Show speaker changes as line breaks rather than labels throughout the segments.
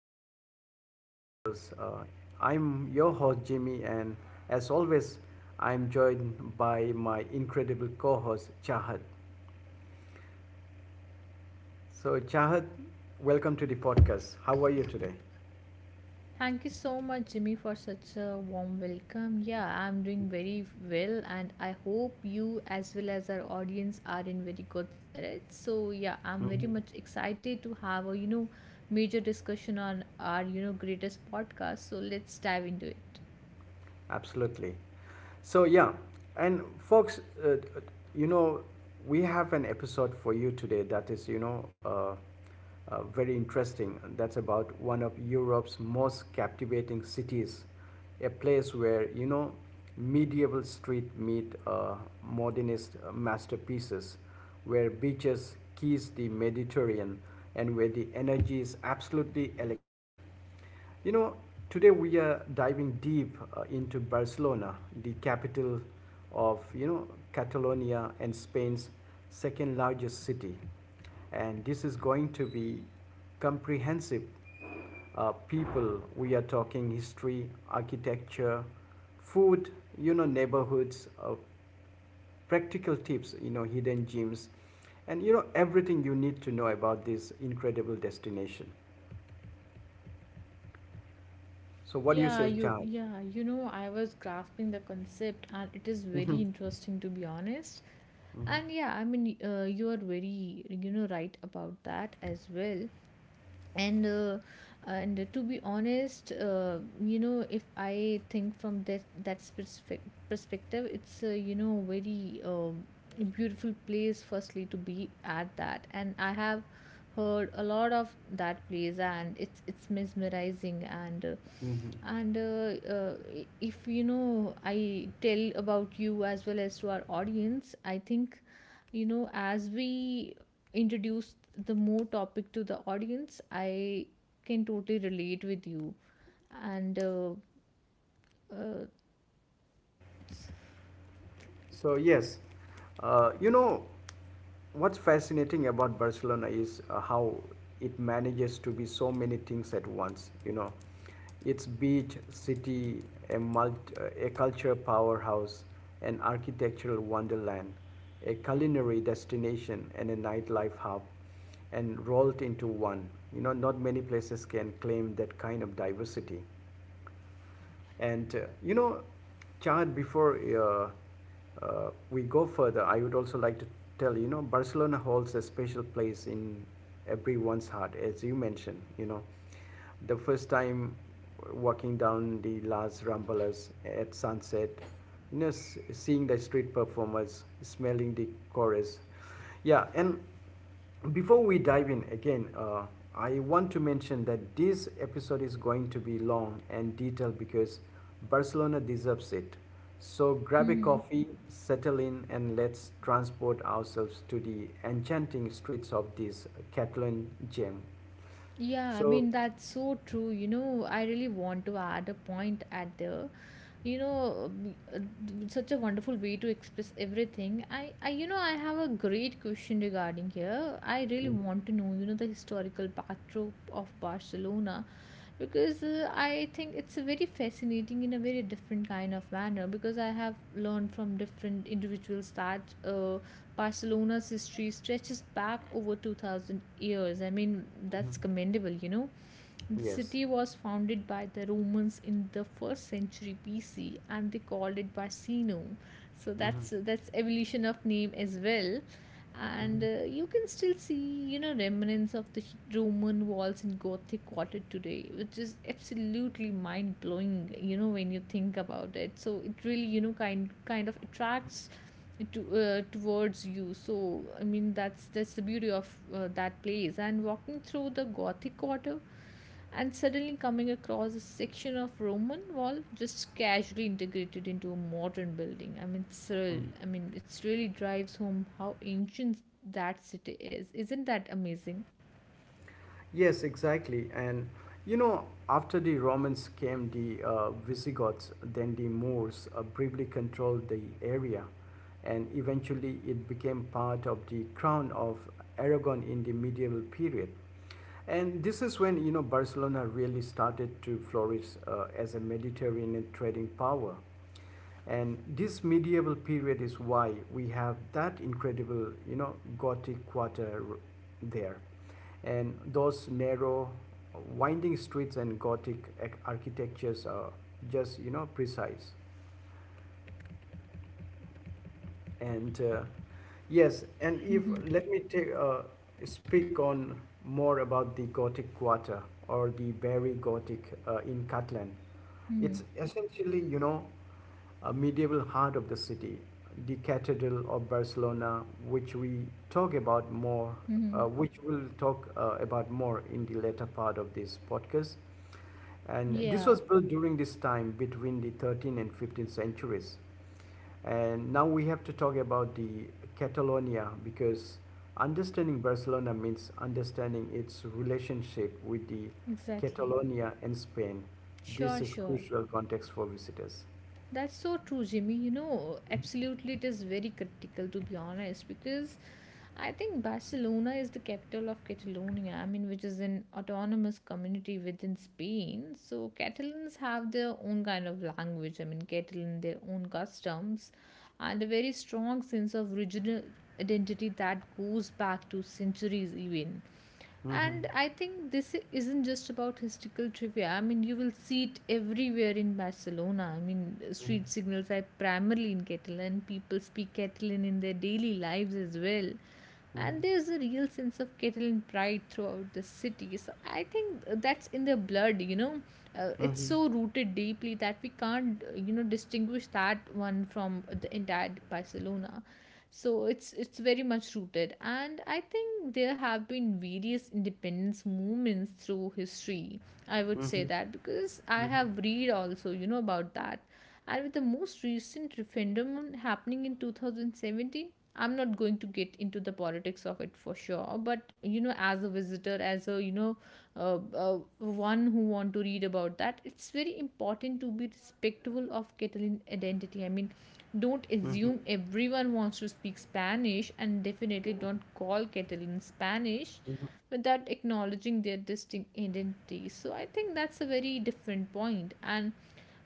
Wanderlust Chronicles. I'm your host Jimmy, and as always, I'm joined by my incredible co-host Chahat. So, Chahat, welcome to the podcast. How are you today?
Thank you so much, Jimmy, for such a warm welcome. Yeah, I'm doing very well, and I hope you, as well as our audience, are in very good spirits. So, yeah, I'm very much excited to have a major discussion on our greatest podcast. So let's dive into it.
Absolutely. So, yeah, and folks, you know, we have an episode for you today that is, very interesting. That's about one of Europe's most captivating cities, a place where, you know, medieval street meet modernist masterpieces, where beaches kiss the Mediterranean and where the energy is absolutely electric. You know, today we are diving deep into Barcelona, the capital of, you know, Catalonia and Spain's second largest city. And this is going to be comprehensive. People, we are talking history, architecture, food, you know, neighborhoods, practical tips, you know, hidden gems, and you know, everything you need to know about this incredible destination. So, what do you
Yeah,
say,
you
Chai?
yeah, you know, I was grasping the concept and it is very interesting to be honest. And yeah, I mean, you are very right about that as well. And and to be honest, you know, if I think from that specific perspective, it's, you know, very beautiful place firstly to be at that. And I have heard a lot of that place, and it's mesmerizing. If you know I tell about you as well as to our audience, I think, you know, as we introduce the more topic to the audience, I can totally relate with you. And uh,
So yes, you know what's fascinating about Barcelona is how it manages to be so many things at once. You know, its beach city, a multi, a culture powerhouse, an architectural wonderland, a culinary destination, and a nightlife hub, and rolled into one. You know, not many places can claim that kind of diversity. And you know, Chad, before we go further, I would also like to tell you know, Barcelona holds a special place in everyone's heart, as you mentioned. You know, the first time walking down the Las Ramblas at sunset, you know, seeing the street performers, smelling the chorus, yeah, and before we dive in again, I want to mention that this episode is going to be long and detailed because Barcelona deserves it. So grab a
hmm
coffee, settle in, and let's transport ourselves to the enchanting streets of this Catalan gem.
Yeah, I
So,
mean, that's so true. You know, I really want to add a point at there. You know, b- uh, Such a wonderful way to express everything. I, you know, I have a great question regarding here. I really
mhm,
want to know, you know, the historical backdrop of Barcelona, because I think it's a very fascinating in a very different kind of manner, because I have learned from different individuals that Barcelona's history stretches back over 2000 years. I mean, that's commendable, you know. The
yes.
city was founded by the Romans in the first century BC, and they called it Barcino. So
Mhm.
that's evolution of name as well.
Mhm.
And you can still see, you know, remnants of the Roman walls in Gothic quarter today, which is absolutely mind blowing. You know, when you think about it, so it really, you know, kind of attracts to, towards you. So I mean that's the beauty of, that place, and walking through the gothic quarter and suddenly coming across a section of Roman wall just casually integrated into a modern building. I mean, it's real.
Mhm.
I mean, it really drives home how ancient that city is. Isn't that amazing?
Yes, exactly. And you know, after the Romans came the Visigoths, then the Moors briefly controlled the area, and eventually it became part of the crown of Aragon in the medieval period. And this is when you know Barcelona really started to flourish as a Mediterranean trading power. And this medieval period is why we have that incredible, you know, Gothic quarter there, and those narrow winding streets and gothic architectures are just you know precise. And yes and if
Mm-hmm.
Let me take speak on more about the gothic quarter or the barry gothic in Catalan.
Mm-hmm.
It's essentially you know a medieval heart of the city, the cathedral of barcelona talk about more
Mm-hmm.
which we'll talk about more in the later part of this podcast. And this was
Yeah,
built during this time between the 13th and 15th centuries. And now we have to talk about the Catalonia, because understanding Barcelona means understanding its relationship with the
exactly.
Catalonia and Spain. This
Sure,
is
sure.
crucial context for visitors.
That's so true, Jimmy. You know, absolutely, it is very critical to be honest, because I think Barcelona is the capital of Catalonia, I mean, which is an autonomous community within Spain. So, Catalans have their own kind of language, I mean, Catalan, their own customs, and a very strong sense of regional identity that goes back to centuries, even.
Mhm,
And I think this isn't just about historical trivia. I mean, you will see it everywhere in Barcelona. I mean, street signals are primarily in Catalan. People speak Catalan in their daily lives as well. And
mhm,
there's a real sense of Catalan pride throughout the city. So I think that's in their blood, you know.
mhm,
It's
mhm,
so rooted deeply that we can't, you know, distinguish that one from the entire Barcelona. So it's very much rooted, and I think there have been various independence movements through history, I would say
mhm,
that, because I have read also, you know, about that. And with the most recent referendum happening in 2017, I'm not going to get into the politics of it for sure, but you know, as a visitor, as a one who want to read about that, it's very important to be respectful of Catalan identity. I mean, don't
mhm,
assume everyone wants to speak Spanish, and definitely
mhm,
don't call Catalan Spanish
mhm,
without acknowledging their distinct identities. So I think that's a very different point. And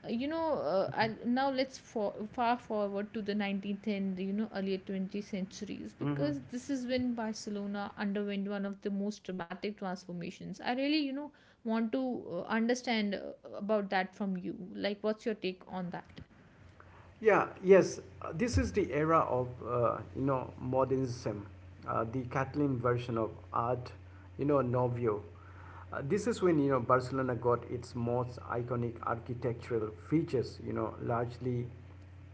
you know, I'll, Now let's far forward to the 19th and, you know, earlier 20th centuries,
mhm.
because this is when Barcelona underwent one of the most dramatic transformations. I really, you know, want to, understand, about that from you. Like, what's your take on that?
Yeah, yes, this is the era of you know modernism, the Catalan version of art, you know, Nouveau. This is when you know Barcelona got its most iconic architectural features, you know, largely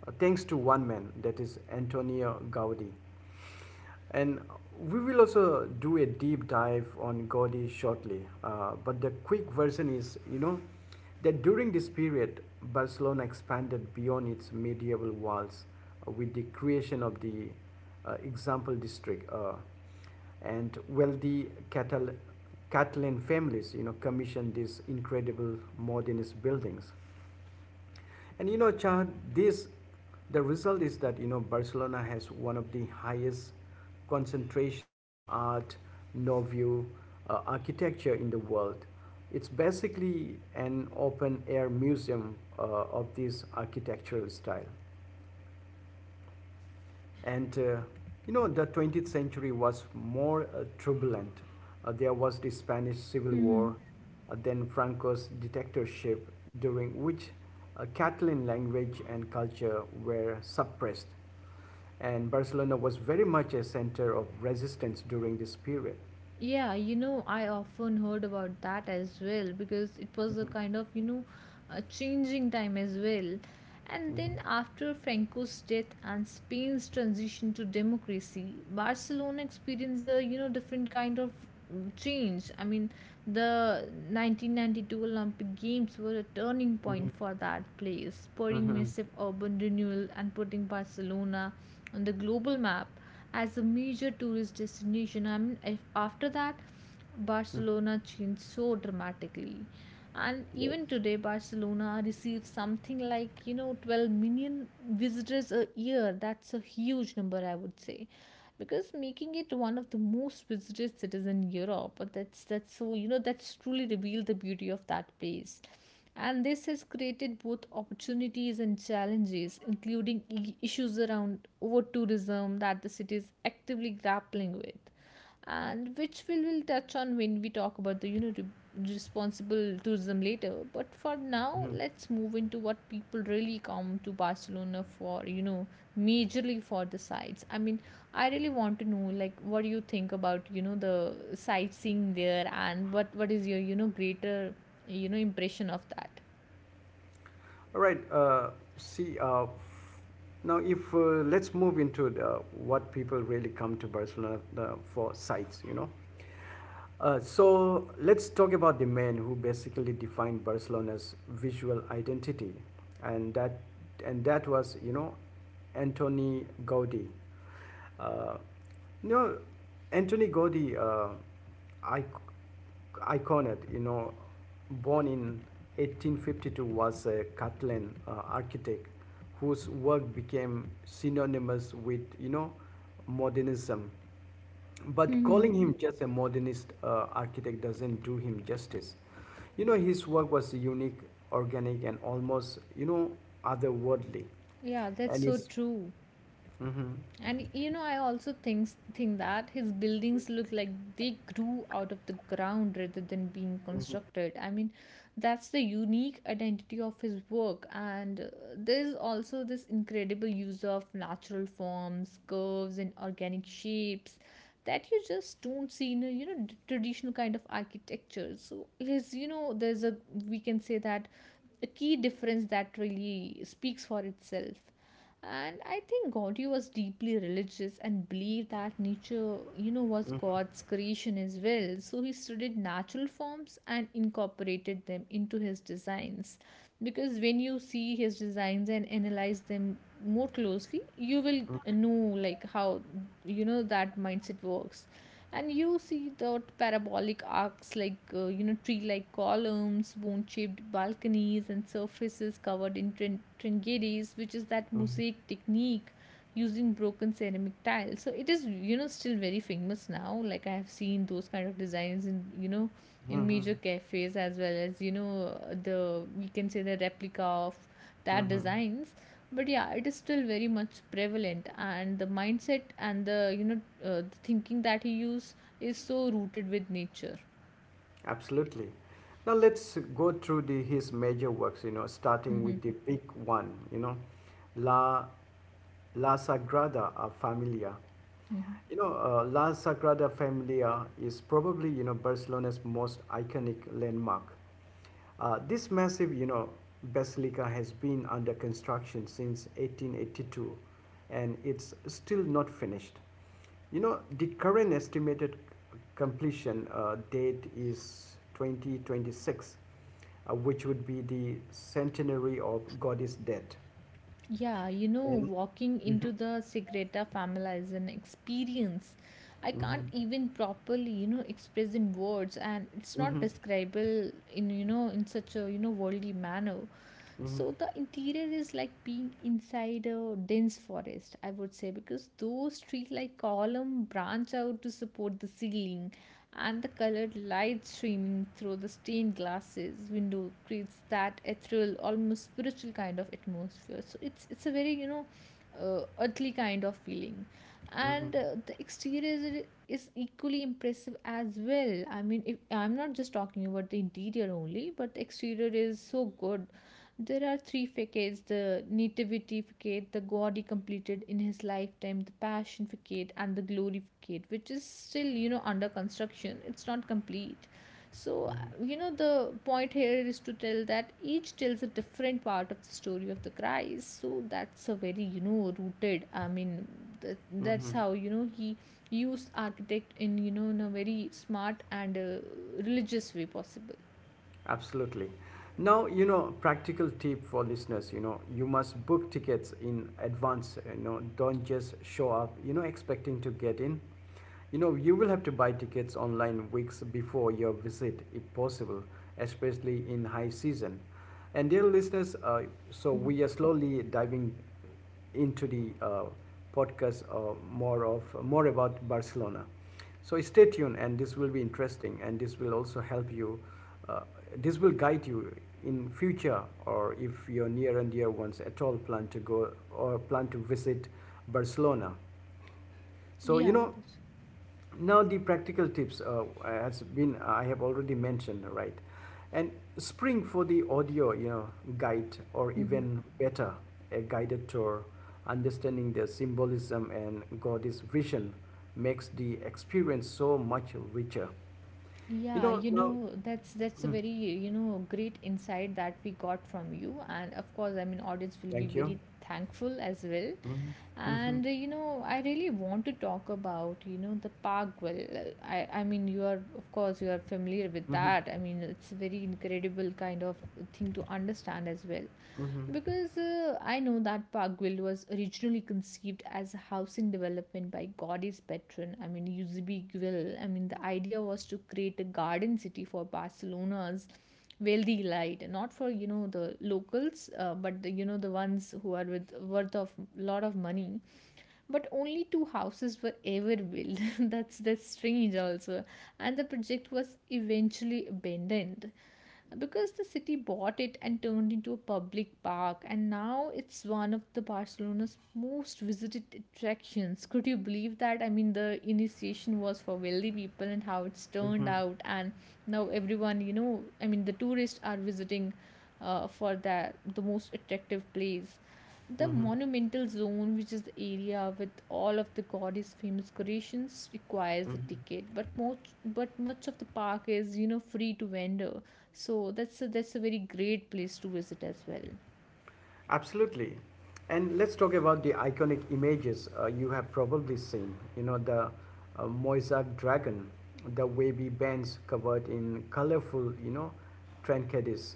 thanks to one man, that is Antonio Gaudi. And we will also do a deep dive on Gaudi shortly. But the quick version is, you know, that during this period, Barcelona expanded beyond its medieval walls with the creation of the example district. And wealthy Catalan families, you know, commissioned these incredible modernist buildings. And you know, Chad, this the result is that you know Barcelona has one of the highest concentrations of art, nouveau, architecture in the world. It's basically an open air museum of this architectural style. And you know, the 20th century was more turbulent. There was the Spanish Civil War, then Franco's dictatorship, during which Catalan language and culture were suppressed. And Barcelona was very much a center of resistance during this period.
Yeah, you know, I often heard about that as well, because it was a
Mhm.
kind of, you know, a changing time as well. And
Mhm.
then after Franco's death and Spain's transition to democracy, Barcelona experienced a, you know, different kind of change. I mean, the 1992 Olympic Games were a turning
Mhm.
point for that place, spurring
Mhm.
massive urban renewal and putting Barcelona on the global map as a major tourist destination. I mean, if after that,
Mm.
Barcelona changed so dramatically. And
Yes.
even today, Barcelona receives something like, you know, 12 million visitors a year. That's a huge number, I would say, because making it one of the most visited cities in Europe. But that's so, you know, that's truly revealed the beauty of that place. And this has created both opportunities and challenges, including issues around over tourism that the city is actively grappling with, and which we will touch on when we talk about the, you know, responsible tourism later. But for now,
Mm-hmm.
let's move into what people really come to Barcelona for, you know, majorly for the sights. I mean, I really want to know, like, what do you think about, you know, the sightseeing there, and what is your, you know, greater, you know, impression of that?
All right. See, now if Let's move into the, what people really come to Barcelona for sights, you know. So let's talk about the man who basically defined Barcelona's visual identity, and that and that was you know Antoni Gaudi. Uh, you know, Antoni Gaudi, iconet, you know, born in 1852, was a Catalan architect whose work became synonymous with you know modernism, but
Hmm.
calling him just a modernist architect doesn't do him justice. You know, his work was unique, organic, and almost, you know, otherworldly.
Yeah, that's
And
so
it's.
true.
Hmm.
And you know, I also think that his buildings look like they grew out of the ground rather than being constructed. I mean, that's the unique identity of his work. And There's also this incredible use of natural forms, curves, and organic shapes that you just don't see in a, you know, traditional kind of architecture. So his, you know, there's a, we can say that, a key difference that really speaks for itself. And I think Gaudiya was deeply religious and believed that nature, you know, was God's creation as well. So he studied natural forms and incorporated them into his designs, because when you see his designs and analyze them more closely, you will know like how, you know, that mindset works. And you see the parabolic arcs, like, you know, tree like columns, bone shaped balconies, and surfaces covered in tringeries, which is that mosaic technique using broken ceramic tiles. So it is, you know, still very famous now. Like, I have seen those kind of designs in, you know, in
Hmm.
major cafes, as well as, you know, the, we can say, the replica of that
Hmm.
designs. But yeah, it is still very much prevalent, and the mindset and the, you know, the thinking that he use is so rooted with nature.
Absolutely. Now let's go through the, his major works, you know, starting
Hmm.
with the big one, you know, La, La Sagrada Familia.
Hmm.
You know, La Sagrada Familia is probably, you know, Barcelona's most iconic landmark. This massive, you know, basilica has been under construction since 1882 and it's still not finished. You know, the current estimated completion date is 2026, which would be the centenary of goddess death.
Yeah, you know,
And
walking
mhm,
into the Segreta family is an experience. I can't
mhm,
even properly, you know, express in words, and it's not
mhm,
describable in, you know, in such a, you know, worldly manner. So
mhm,
the interior is like being inside a dense forest, I would say, because those tree like column branch out to support the ceiling, and the colored light streaming through the stained glasses window creates that ethereal, almost spiritual kind of atmosphere. So it's a very, you know, earthly kind of feeling.
mhm,
And the exterior is equally impressive as well. I mean, if I'm not just talking about the interior only, but the exterior is so good. There are three facades: the Nativity facade, the God he completed in his lifetime, the Passion facade, and the Glory facade, which is still, you know, under construction. It's not complete. So,
mhm,
you know, the point here is to tell that each tells a different part of the story of the Christ. So, that's a very, you know, rooted. I mean, that, that's
mhm.
how, you know, he used architect in, you know, in a very smart and, religious way possible.
Absolutely. Now, you know, practical tip for listeners, you know, you must book tickets in advance, you know, don't just show up, you know, expecting to get in. You know, you will have to buy tickets online weeks before your visit, if possible, especially in high season. And dear listeners, so
Mhm.
we are slowly diving into the podcast more about Barcelona. So stay tuned, and this will be interesting, and this will also help you. Uh, this will guide you in future, or if your near and dear ones at all plan to go or plan to visit Barcelona. So you
Yeah,
know,
that's.
now the practical tips has been I have already mentioned right, and spring for the audio you know guide, or
Mhm.
even better a guided tour, understanding the symbolism and God's vision makes the experience so much richer. You
Yeah,
know
you
now.
know, that's a
Mm,
very, you know, great insight that we got from you. And of course, I mean, audience will be
thank you.
very thankful as well.
Mhm, mhm,
And You know, I really want to talk about, you know, the park. Well, I mean, you are of course you are familiar with
mhm,
that. I mean, it's a very incredible kind of thing to understand as well. Because I know that Parkville was originally conceived as a housing development by Godey's patron, I mean Eusebi Guill. I mean the idea was to create a garden city for Barcelona's wealthy elite, not for, you know, the locals, but the, you know, the ones who are with worth of lot of money. But only two houses were ever built. That's strange also, and the project was eventually abandoned because the city bought it and turned into a public park. And now it's one of the Barcelona's most visited attractions. Could you believe that? I mean, the initiation was for wealthy people and how it's turned
mhm,
out. And now everyone, I mean, the tourists are visiting for that the most attractive place, the
mhm,
monumental zone, which is the area with all of the goddess famous creations, requires a
mhm.
ticket. But most, but much of the park is free to wander. So that's a very great place to visit as well.
Absolutely. And let's talk about the iconic images you have probably seen. You know, the Moissac dragon, the wavy bands covered in colorful, you know, trinkets.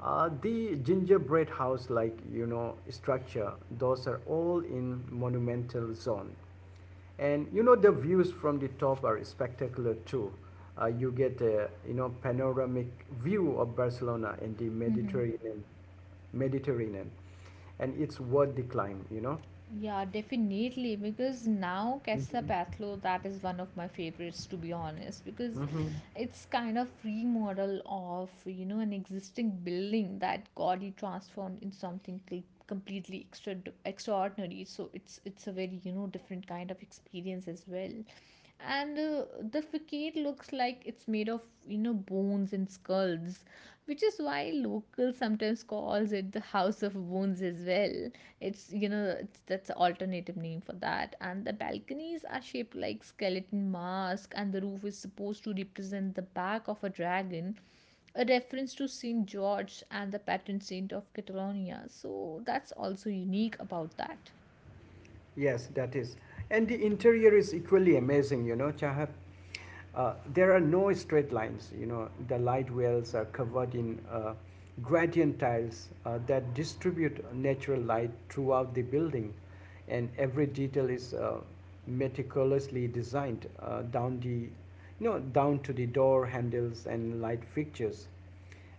The gingerbread house like, you know, structure, those are all in monumental zone. And you know, the views from the top are spectacular too. You get a, you know, panoramic view of Barcelona and the Mediterranean, and it's worth the climb, you know.
Yeah, definitely. Because now Casa Pathlo, that is one of my favorites, to be honest, because
Hmm.
it's kind of remodel of, an existing building that got it transformed in something completely extra extraordinary. So it's a very, different kind of experience as well. And The facade looks like it's made of, bones and skulls, which is why locals people sometimes calls it the house of wounds as well. It's you know it's, that's an alternative name for that. And the balconies are shaped like skeleton mask and the roof is supposed to represent the back of a dragon, a reference to Saint George and the patron saint of Catalonia. So that's also unique about that.
Yes, that is. And the interior is equally amazing, you know, Chahat. There are no straight lines, you know. The light wells are covered in gradient tiles that distribute natural light throughout the building, and every detail is meticulously designed down the you know down to the door handles and light fixtures.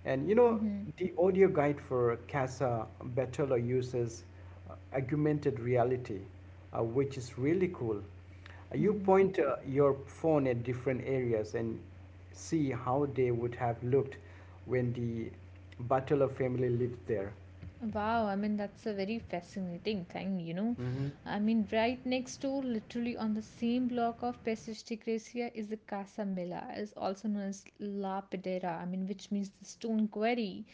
And you know, the audio guide for Casa Bertolo uses augmented reality, which is really cool. You point your phone at different areas and see how they would have looked when the Bertolo family lived there.
Wow, I mean, that's a very fascinating thing,
Hmm.
I mean, right next door, literally on the same block of Pesisty Gracia, is the Casa Mila, is also known as La Pedera, I mean, which means the stone quarry.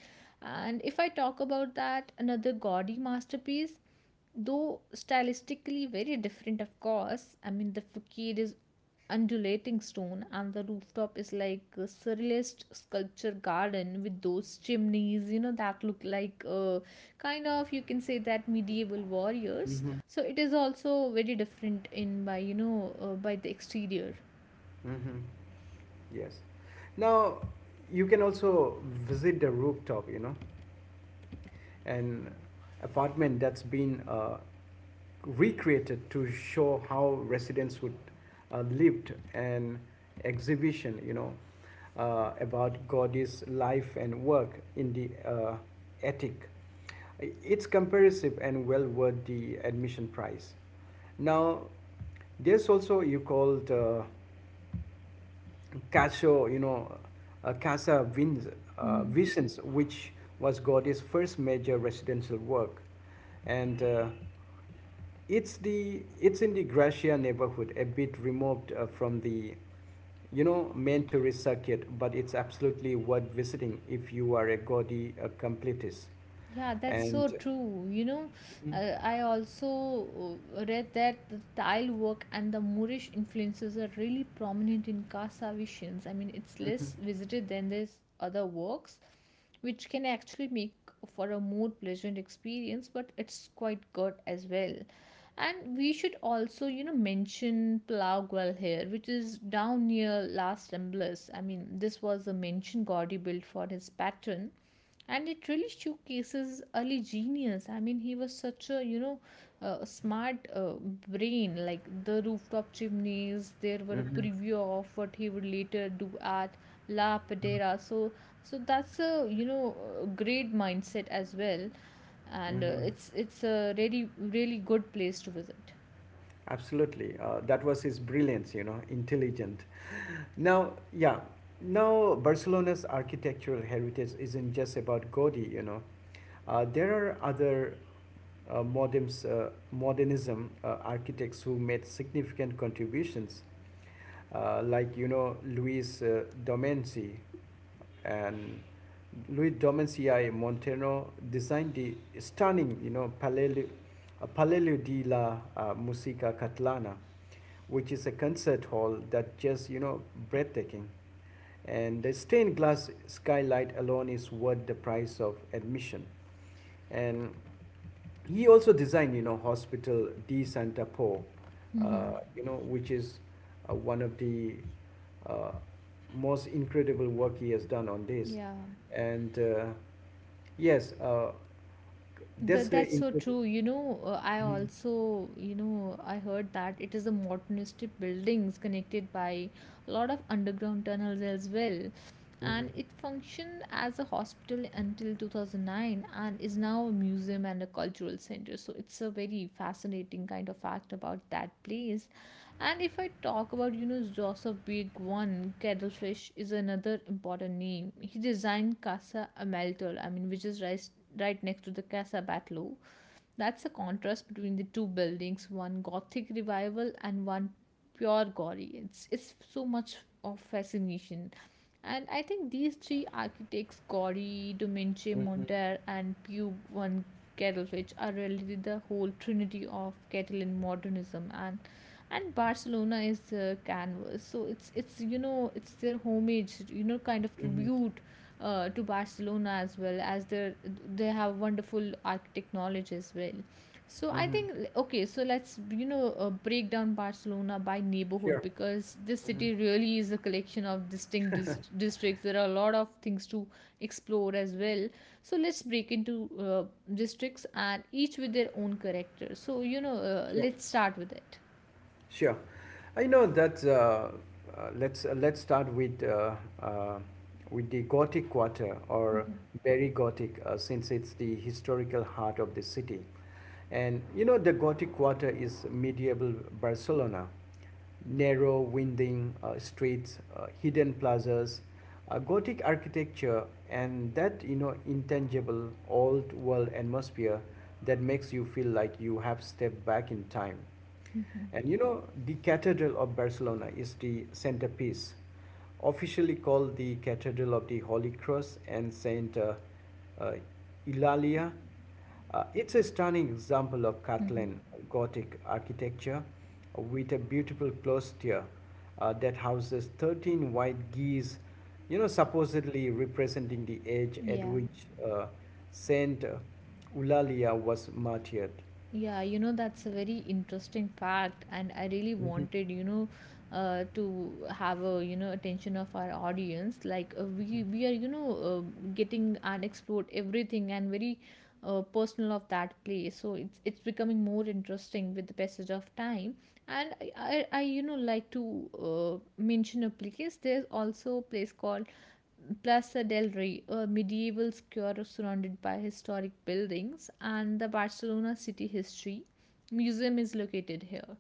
And if I talk about that, another gaudy masterpiece, though stylistically very different, of course. I mean, the facade is undulating stone, and the rooftop is like a surrealist sculpture garden with those chimneys, that look like kind of you can say that medieval warriors.
Hmm.
So it is also very different in by by the exterior.
Hmm. Yes. Now, you can also visit the rooftop, you know, an apartment that's been recreated to show how residents would lived an exhibition you know about Gaudi's life and work in the attic. It's comprehensive and well worth the admission price. Now there's also you called Cacho, you know, Casa Vins,
Mhm.
Vicens, which was Gaudi's first major residential work, and it's in the Gracia neighborhood, a bit removed from the you know main tourist circuit, but it's absolutely worth visiting if you are a Gaudi completist.
Yeah, that's so
And
true. You know, I also read that the tile work and the Moorish influences are really prominent in Casavisions. I mean, it's less visited than these other works, which can actually make for a more pleasant experience, but it's quite good as well. And we should also, mention Plaugual here, which is down near Las Ramblas. I mean, this was a mansion Gaudi built for his patron and it really showcases ali genius. I mean, he was such a smart brain. Like the rooftop chimneys there were a
mhm.
preview of what he would later do at La Padera. So that's a, a great mindset as well. And
Mm-hmm.
It's a really really good place to visit.
Absolutely. That was his brilliance, you know, intelligent. Now, yeah, now Barcelona's architectural heritage isn't just about Gaudi, you know. There are other modernism architects who made significant contributions like you know Luis Domenzi and Luis Domenzi I Montano designed the stunning you know Palelio de la Musica Catalana, which is a concert hall that just you know breathtaking, and the stained glass skylight alone is worth the price of admission, and he also designed you know hospital di santa po,
Hmm.
you know which is one of the uh, most incredible work he has done on this.
Yeah.
And yes That's
That's
the
so
incredible.
true. You know, I
Hmm.
also, I heard that it is a modernistic buildings connected by a lot of underground tunnels as well. And it functioned as a hospital until 2009 and is now a museum and a cultural center. So it's a very fascinating kind of fact about that place. And if I talk about, Joseph Big One, Kettlefish is another important name. He designed Casa Amaltel, I mean, which is rice right next to the Casa Batlló. That's the contrast between the two buildings, one Gothic revival and one pure gory. It's so much of fascination. And I think these three architects, Gori, Domenico
Hmm.
Monter, and Pew van Kerelvich, are really the whole trinity of Catalan modernism. And Barcelona is the canvas, so it's it's their homage, kind of
Hmm.
tribute to Barcelona as well, as they have wonderful architect knowledge as well. So I
Hmm.
think okay, so let's break down Barcelona by neighborhood
Sure.
because this
Hmm.
city really is a collection of distinct districts. There are a lot of things to explore as well. So let's break into districts and each with their own character. So
Sure.
let's start with it.
Sure. I know that. Let's start uh, with the Gothic Quarter or very Gothic, since it's the historical heart of the city. And you know, the Gothic Quarter is medieval Barcelona, narrow, winding streets, hidden plazas, Gothic architecture, and that you know intangible old world atmosphere that makes you feel like you have stepped back in time. And you know, the Cathedral of Barcelona is the centerpiece, officially called the Cathedral of the Holy Cross and Saint uh, Eulalia. It's a stunning example of
Mhm.
Catalan Gothic architecture with a beautiful cloister that houses 13 white geese, you know, supposedly representing the age at
Yeah.
which Saint Eulalia was martyred.
Yeah, you know, that's a very interesting fact, and I really
Mhm,
wanted, to have a, attention of our audience. Like we are, getting and explore everything and very personal of that place. So it's becoming more interesting with the passage of time. And I like to mention a place. There's also a place called Plaza del Rey, a medieval square surrounded by historic buildings, and the Barcelona City History Museum is located here.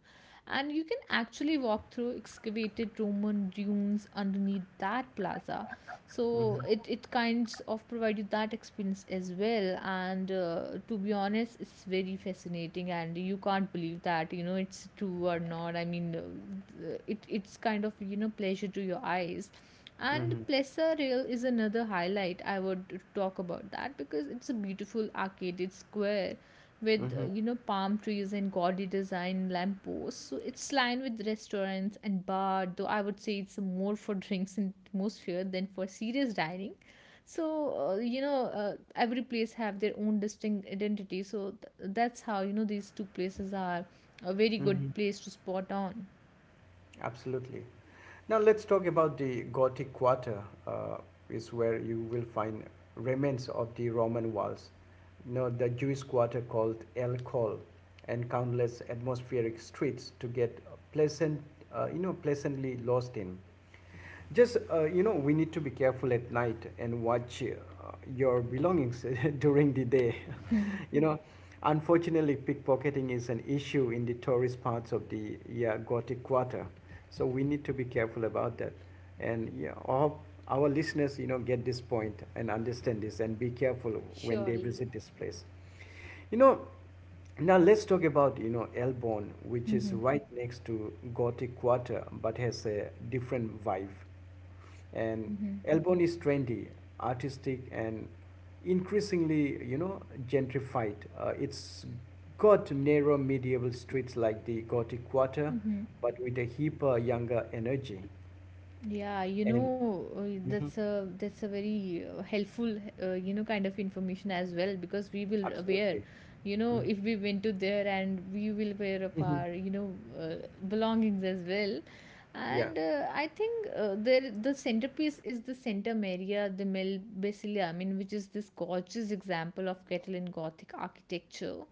And you can actually walk through excavated Roman dunes underneath that plaza. So
mhm,
it kinds of provide you that experience as well. And to be honest, it's very fascinating, and you can't believe that it's true or not. I mean, it's kind of pleasure to your eyes, and
mhm,
Plesaril is another highlight I would talk about that because it's a beautiful arcaded square with
mhm.
palm trees and gaudy design lampposts. So it's lined with restaurants and bar, though I would say it's more for drinks and atmosphere than for serious dining. So every place have their own distinct identity. So that's how these two places are a very
Hmm.
good place to spot on.
Absolutely. Now let's talk about the Gothic Quarter, is where you will find remains of the Roman walls, you know, the Jewish quarter called El Khol, and countless atmospheric streets to get pleasant, you know, pleasantly lost in. You know, we need to be careful at night and watch your belongings during the day. you know, Unfortunately, pickpocketing is an issue in the tourist parts of the, yeah, Gothic Quarter. So we need to be careful about that. And yeah, all our listeners, you know, get this point and understand this and be careful when they visit this place. You know, now let's talk about, you know, Elbon, which is right next to Gothic Quarter but has a different vibe. And Elbon is trendy, artistic, and increasingly, you know, gentrified. It's got narrow medieval streets like the Gothic Quarter, but with a hipper, younger energy.
Yeah,
And
that's
mhm,
a, that's a very helpful, kind of information as well because we will aware,
absolutely. Mhm.
if we went to there and we will wear up
Mhm.
our, belongings as well.
Yeah.
And I think there the centerpiece is the Centum area, the Mel Basilia, I mean, which is this gorgeous example of Catalan Gothic architecture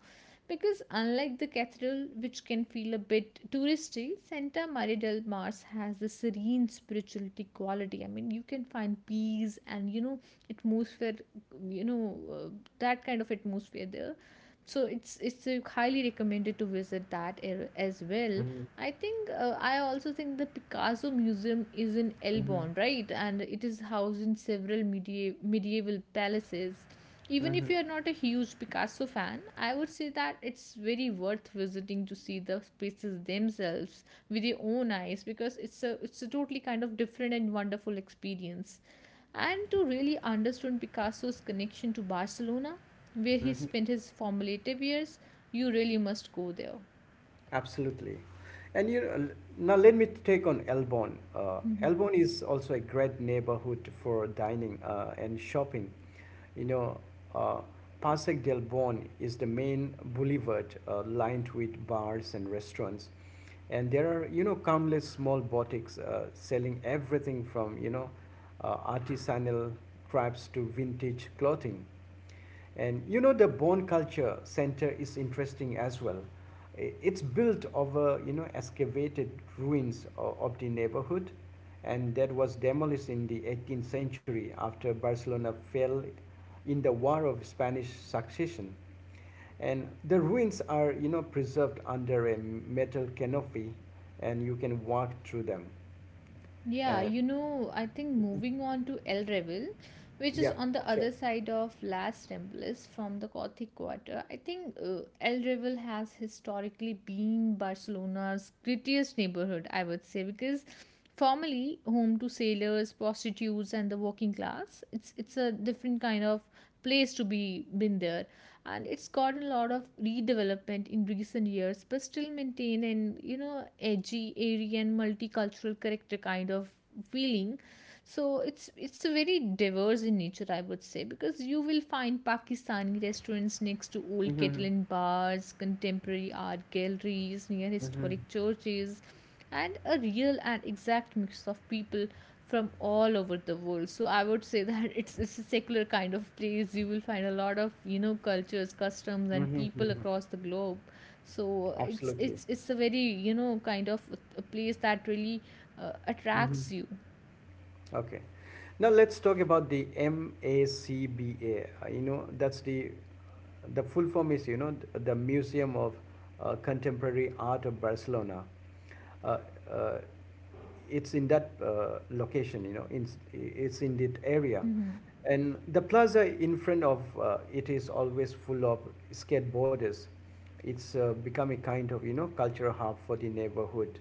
because unlike the cathedral, which can feel a bit touristy, Santa Maria del Mars has the serene spirituality quality. I mean, you can find peace and atmosphere, you know uh, that kind of atmosphere there. So it's highly recommended to visit that area as well.
Mm-hmm.
I think I also think the Picasso Museum is in Elbon, right? And it is housed in several medieval palaces. Even if
Mm-hmm.
you are not a huge Picasso fan, I would say that it's very worth visiting to see the spaces themselves with your own eyes because it's a totally kind of different and wonderful experience. And to really understand Picasso's connection to Barcelona, where he
Mm-hmm.
spent his formative years, you really must go there.
Absolutely. And you know, now let me take on Elbon. Elbon is also a great neighborhood for dining and shopping. You know, uh, Pasig del Bon is the main boulevard lined with bars and restaurants. And there are, you know, countless small boutiques selling everything from, you know, artisanal crafts to vintage clothing. And you know, the Bone Culture Center is interesting as well. It's built over, you know, excavated ruins of the neighborhood, and that was demolished in the 18th century after Barcelona fell in the War of Spanish Succession. And the ruins are, you know, preserved under a metal canopy, and you can walk through them.
Yeah,
And
you know, I think moving on to El Revel, which is
yeah,
on the
sure.
other side of Las Ramblas from the Gothic Quarter, I think El Revel has historically been Barcelona's grittiest neighborhood, I would say, because formerly home to sailors, prostitutes, and the working class, it's a different kind of place to be been there. And it's got a lot of redevelopment in recent years but still maintain an edgy airy and multicultural character kind of feeling. So it's very diverse in nature, I would say, because you will find Pakistani restaurants next to old
Hmm.
kettle and bars, contemporary art galleries near
hmm
historic churches, and a real and exact mix of people from all over the world. So I would say that it's a secular kind of place. You will find a lot of cultures, customs, and people
hmm
across the globe. So it's
Absolutely.
it's it's a very kind of a place that really
Hmm
attracts you.
Okay. Now let's talk about the MACBA. That's the full form is, you know, the museum of contemporary art of Barcelona. uh, uh, it's in that location, you know, it's in that area,
Mm-hmm.
and the plaza in front of it is always full of skateboarders. It's become a kind of, you know, cultural hub for the neighborhood.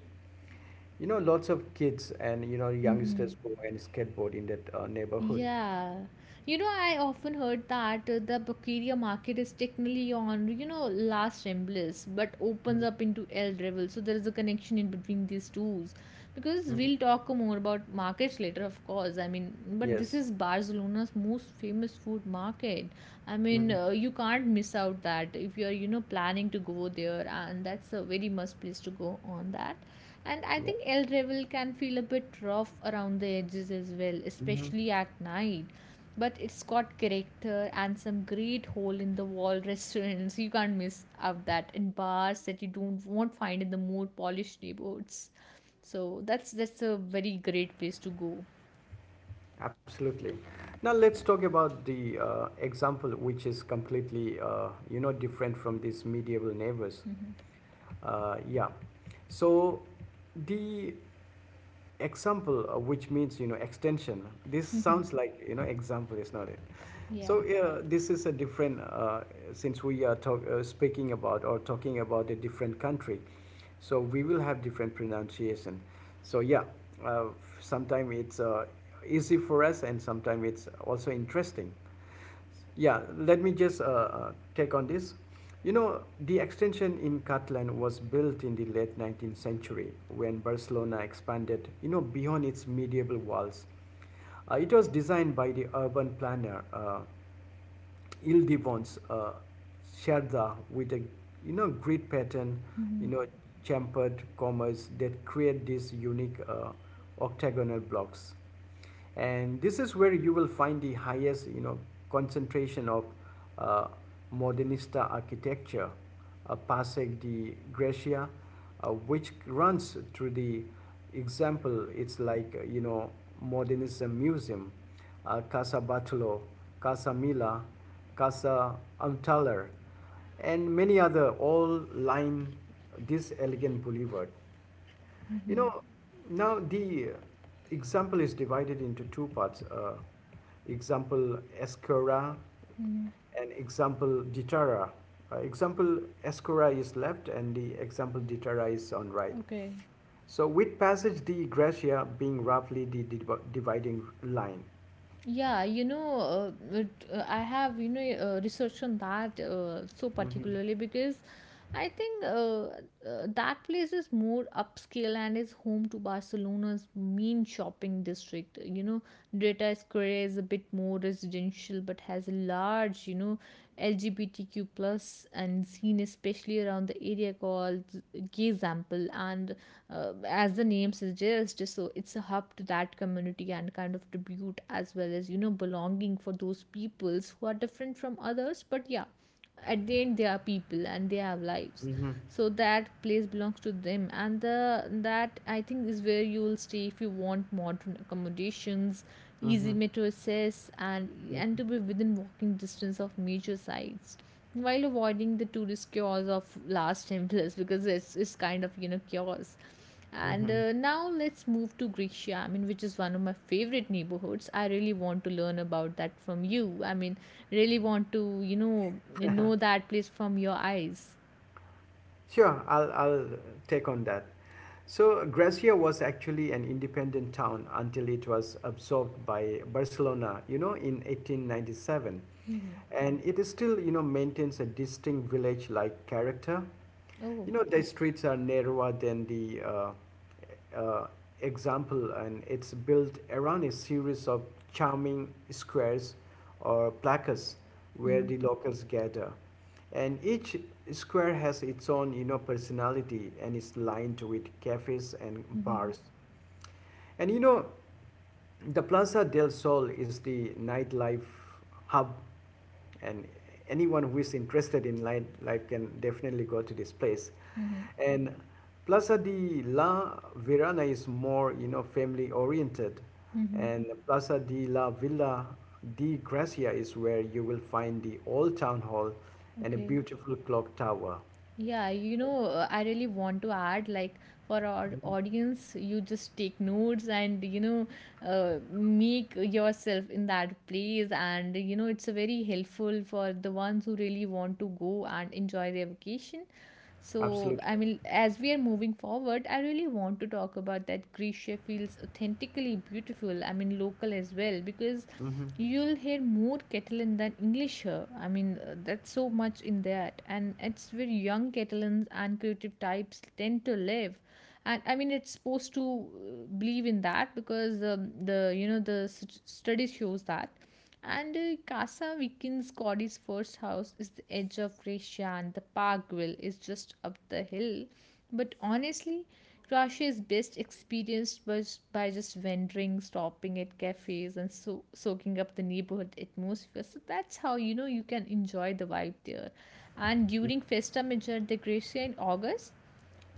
You know, lots of kids and, you know,
Mm-hmm.
youngsters go and skateboard in that neighborhood.
Yeah. You know, I often heard that the Bukiria market is technically on, last Remblis, but opens
Mhm.
up into El Revel. So there is a connection in between these two. Because
Mhm.
we'll talk more about markets later, of course. I mean, but this
Yes.
is Barcelona's most famous food market. I mean,
Mhm.
you can't miss out that if you're, planning to go there, and that's a very must place to go on that. And I
Yeah.
think El Revel can feel a bit rough around the edges as well,
Mhm.
especially at night. But it's got character and some great hole in the wall restaurants. You can't miss out that and bars that you don't won't find in the more polished neighborhoods. So that's a very great place to go.
Absolutely. Now let's talk about the example, which is completely you know, different from these medieval neighbors.
Hmm.
Yeah. So the example, which means, you know, extension. This
Hmm.
sounds like, you know, example, is not it?
Yeah.
So yeah, this is a different since we are speaking about or talking about a different country, so we will have different pronunciation. So yeah, uh, sometimes it's easy for us, and sometimes it's also interesting. Yeah, let me just take on this. You know, the extension in Catalan was built in the late 19th century when Barcelona expanded, you know, beyond its medieval walls. It was designed by the urban planner. Ildibon's Sherda with a, you know, grid pattern, you know, chamfered commas that create these unique octagonal blocks, and this is where you will find the highest, you know, concentration of uh, modernista architecture. Pasek de Gracia, which runs through the example, it's like, you know, modernism museum. Casa Bartolo, Casa Mila, Casa Antalar, and many other all line this elegant boulevard. You
Hmm.
know, now the example is divided into two parts. Example escora
Hmm.
and example deterra. Example escora is left and the example deterra is on right.
Okay.
So with passage the gratia being roughly the dividing line.
Yeah, I have, researched on that so particularly because I think that place is more upscale and is home to Barcelona's main shopping district. You know, Dreta Square is a bit more residential but has a large, you know, LGBTQ plus and scene especially around the area called Gay Example and as the name suggests, so it's a hub to that community and kind of tribute as well as, you know, belonging for those peoples who are different from others. But yeah, at the end they are people and they have lives,
Mm-hmm.
so that place belongs to them. And the that I think is where you will stay if you want modern accommodations, easy
Mm-hmm.
metro access, and to be within walking distance of major sites while avoiding the tourist chaos of last time, plus because it's kind of, you know, chaos. And
Mm-hmm.
now let's move to Grecia, I mean, which is one of my favorite neighborhoods. I really want to learn about that from you. I mean, really want to, you know that place from your eyes.
Sure, I'll take on that. So, Gracia was actually an independent town until it was absorbed by Barcelona, you know, in 1897. And it is still, you know, maintains a distinct village-like character.
Oh.
You know, the streets are narrower than the uh, example, and it's built around a series of charming squares or placas where the
Mm-hmm.
locals gather. And each square has its own, you know, personality and is lined with cafes and
Mm-hmm.
bars. And you know, the Plaza del Sol is the nightlife hub, and anyone who is interested in nightlife can definitely go to this place.
Mm-hmm.
And Plaza de la Verana is more, you know, family oriented,
Mm-hmm.
and Plaza de la Villa de Gracia is where you will find the old town hall and a
Okay.
beautiful clock tower.
Yeah, you know, I really want to add, like, for our audience, you just take notes and, you know, make yourself in that place. And you know, it's a very helpful for the ones who really want to go and enjoy their vacation. So, I
Absolutely.
mean, as we are moving forward, I really want to talk about that Grisha feels authentically beautiful, I mean, local as well, because
Hmm.
you'll hear more Catalan than English here. I mean, that's so much in that. And it's where young Catalans and creative types tend to live. And I mean, it's supposed to believe in that because the, you know, the studies shows that. And Casa Vikin's Cody's first house is the edge of Gracia, and the Parkville is just up the hill. But honestly, Gracia is best experienced by just wandering, stopping at cafes, and soaking up the neighborhood atmosphere. So that's how, you know, you can enjoy the vibe there. And during Festa Major de Gracia in August,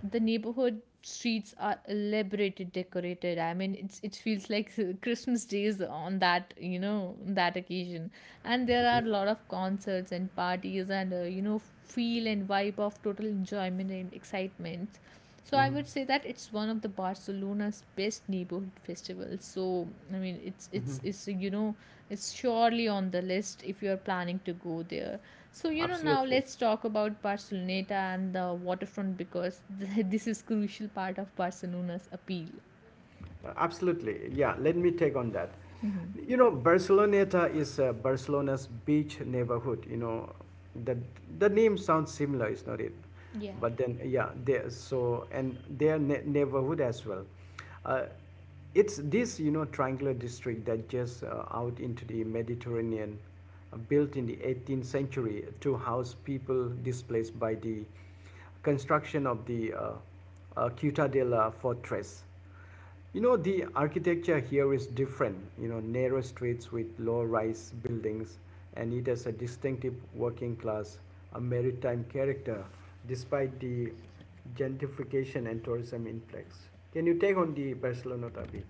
the neighborhood streets are elaborated decorated. I mean, it's it feels like Christmas days on that, you know, that occasion. And there are a lot of concerts and parties and, you know, feel and vibe of total enjoyment and excitement. So I
hmm
would say that it's one of the Barcelona's best neighborhood festivals. So I mean, it's it's
hmm
it's you know, it's surely on the list if you're planning to go there. So you know, now
Absolutely.
let's talk about Barceloneta and the waterfront because this is crucial part of Barcelona's appeal.
Absolutely. Yeah, let me take on that. You know, Barceloneta is Barcelona's beach neighborhood. You know, the name sounds similar, is not it?
Yeah.
But then, yeah, there. So and their neighborhood as well. Uh, it's this, you know, triangular district that just out into the Mediterranean, built in the 18th century to house people displaced by the construction of the Ciutadella fortress. You know, the architecture here is different. You know, narrow streets with low rise buildings, and it has a distinctive working class, a maritime character, despite the gentrification and tourism influx. Can you take on the Barcelona a bit?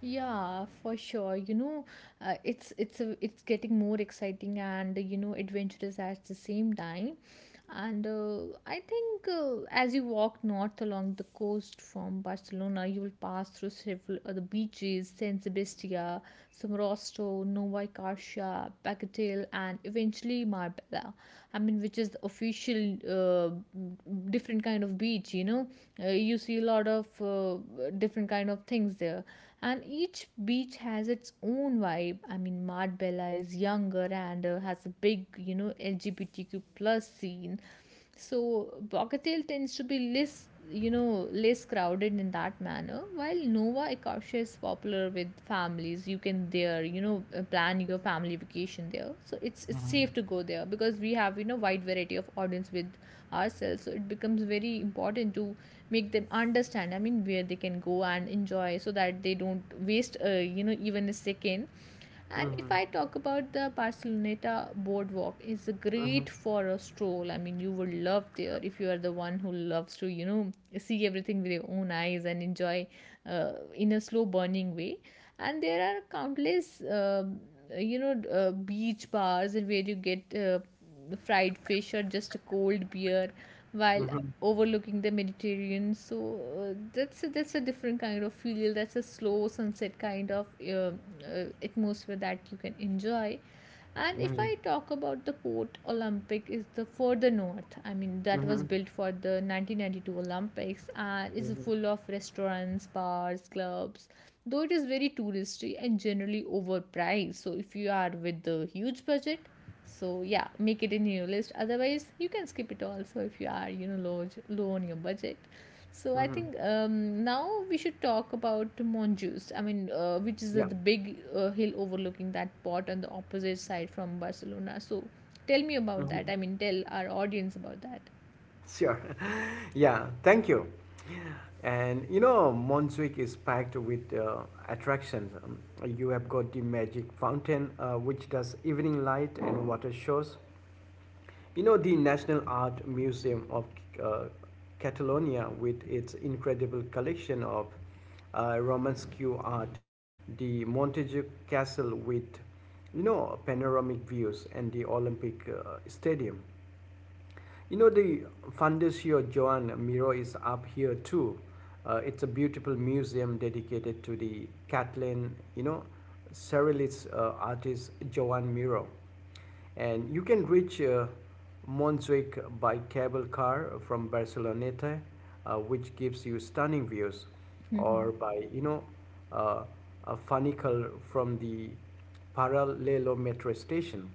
Yeah, for sure. You know, it's getting more exciting and, you know, adventurous at the same time. And I think as you walk north along the coast from Barcelona, you will pass through several other beaches, San Sebastián, Somorrostro, Nova Scotia, Bagatelle, and eventually Marbella. I mean, which is the official different kind of beach. You know, you see a lot of different kind of things there. And each beach has its own vibe. I mean, Marbella is younger and has a big, you know, LGBTQ plus scene. So Bogatel tends to be less, you know, less crowded in that manner, while Nova Ecosia is popular with families. You can there, you know, plan your family vacation there. So it's
Mm-hmm.
safe to go there because we have, you know, wide variety of audience with ourselves. So it becomes very important to make them understand, I mean, where they can go and enjoy so that they don't waste, you know, even a second. And if
Mm-hmm.
I talk about the Barceloneta boardwalk, it's
Mm-hmm.
great for a stroll. I mean, you would love there if you are the one who loves to, you know, see everything with your own eyes and enjoy in a slow burning way. And there are countless, you know, beach bars where you get, fried fish or just a cold beer while overlooking the Mediterranean. So that's a different kind of feel. That's a slow sunset kind of atmosphere that you can enjoy. And if
Mm-hmm.
I talk about the Port Olympic, is the further north. I mean, that was
Mm-hmm.
built for the 1992 Olympics and is
Mm-hmm.
full of restaurants, bars, clubs. Though it is very touristy and generally overpriced. So if you are with the huge budget, so yeah, make it in your list. Otherwise you can skip it also if you are, you know, low on your budget. So I
Mm-hmm.
think now we should talk about Montjuïc. I mean, which is
Yeah.
the big hill overlooking that port on the opposite side from Barcelona. So tell me about
Mm-hmm.
that. I mean, tell our audience about that.
Sure. Yeah, thank you. And you know, Montjuïc is packed with attractions. You have got the magic fountain, which does evening light and water shows. You know, the National Art Museum of uh, Catalonia, with its incredible collection of Romanesque art, the Montjuïc Castle with, you know, panoramic views, and the Olympic Stadium. You know, the funders here, Joan Miro, is up here too. It's a beautiful museum dedicated to the Catalan, you know, surrealist artist Joan Miro. And you can reach Montjuic by cable car from Barceloneta, which gives you stunning views, or by, you know, uh, a funicle from the Parallelo metro station,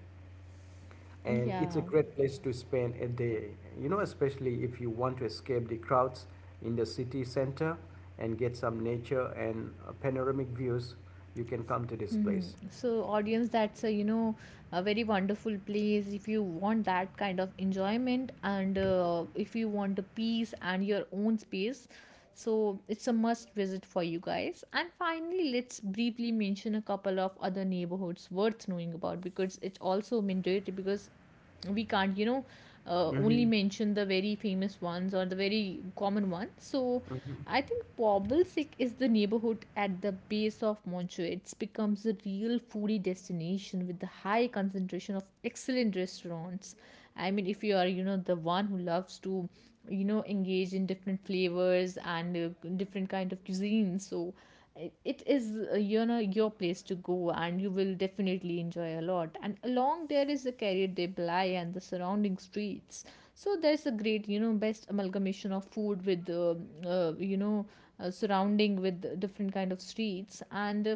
and it's a
yeah.
great place to spend a day, you know, especially if you want to escape the crowds in the city center and get some nature and panoramic views, you can come to this place.
Mm-hmm. So, audience, that's a, you know, a very wonderful place. If you want that kind of enjoyment and, if you want the peace and your own space, so it's a must visit for you guys. And finally, let's briefly mention a couple of other neighborhoods worth knowing about, because it's also mandatory because we can't, you know, only
Mm-hmm.
mention the very famous ones or the very common ones. So I think Pobblesik is the neighborhood at the base of Montreux. It becomes a real foodie destination with the high concentration of excellent restaurants. I mean, if you are, you know, the one who loves to, you know, engage in different flavors and, different kind of cuisines, so it is, you know, your place to go and you will definitely enjoy a lot. And along there is the carrier de Belay and the surrounding streets. So there's a great, you know, best amalgamation of food with, you know, surrounding with different kind of streets and,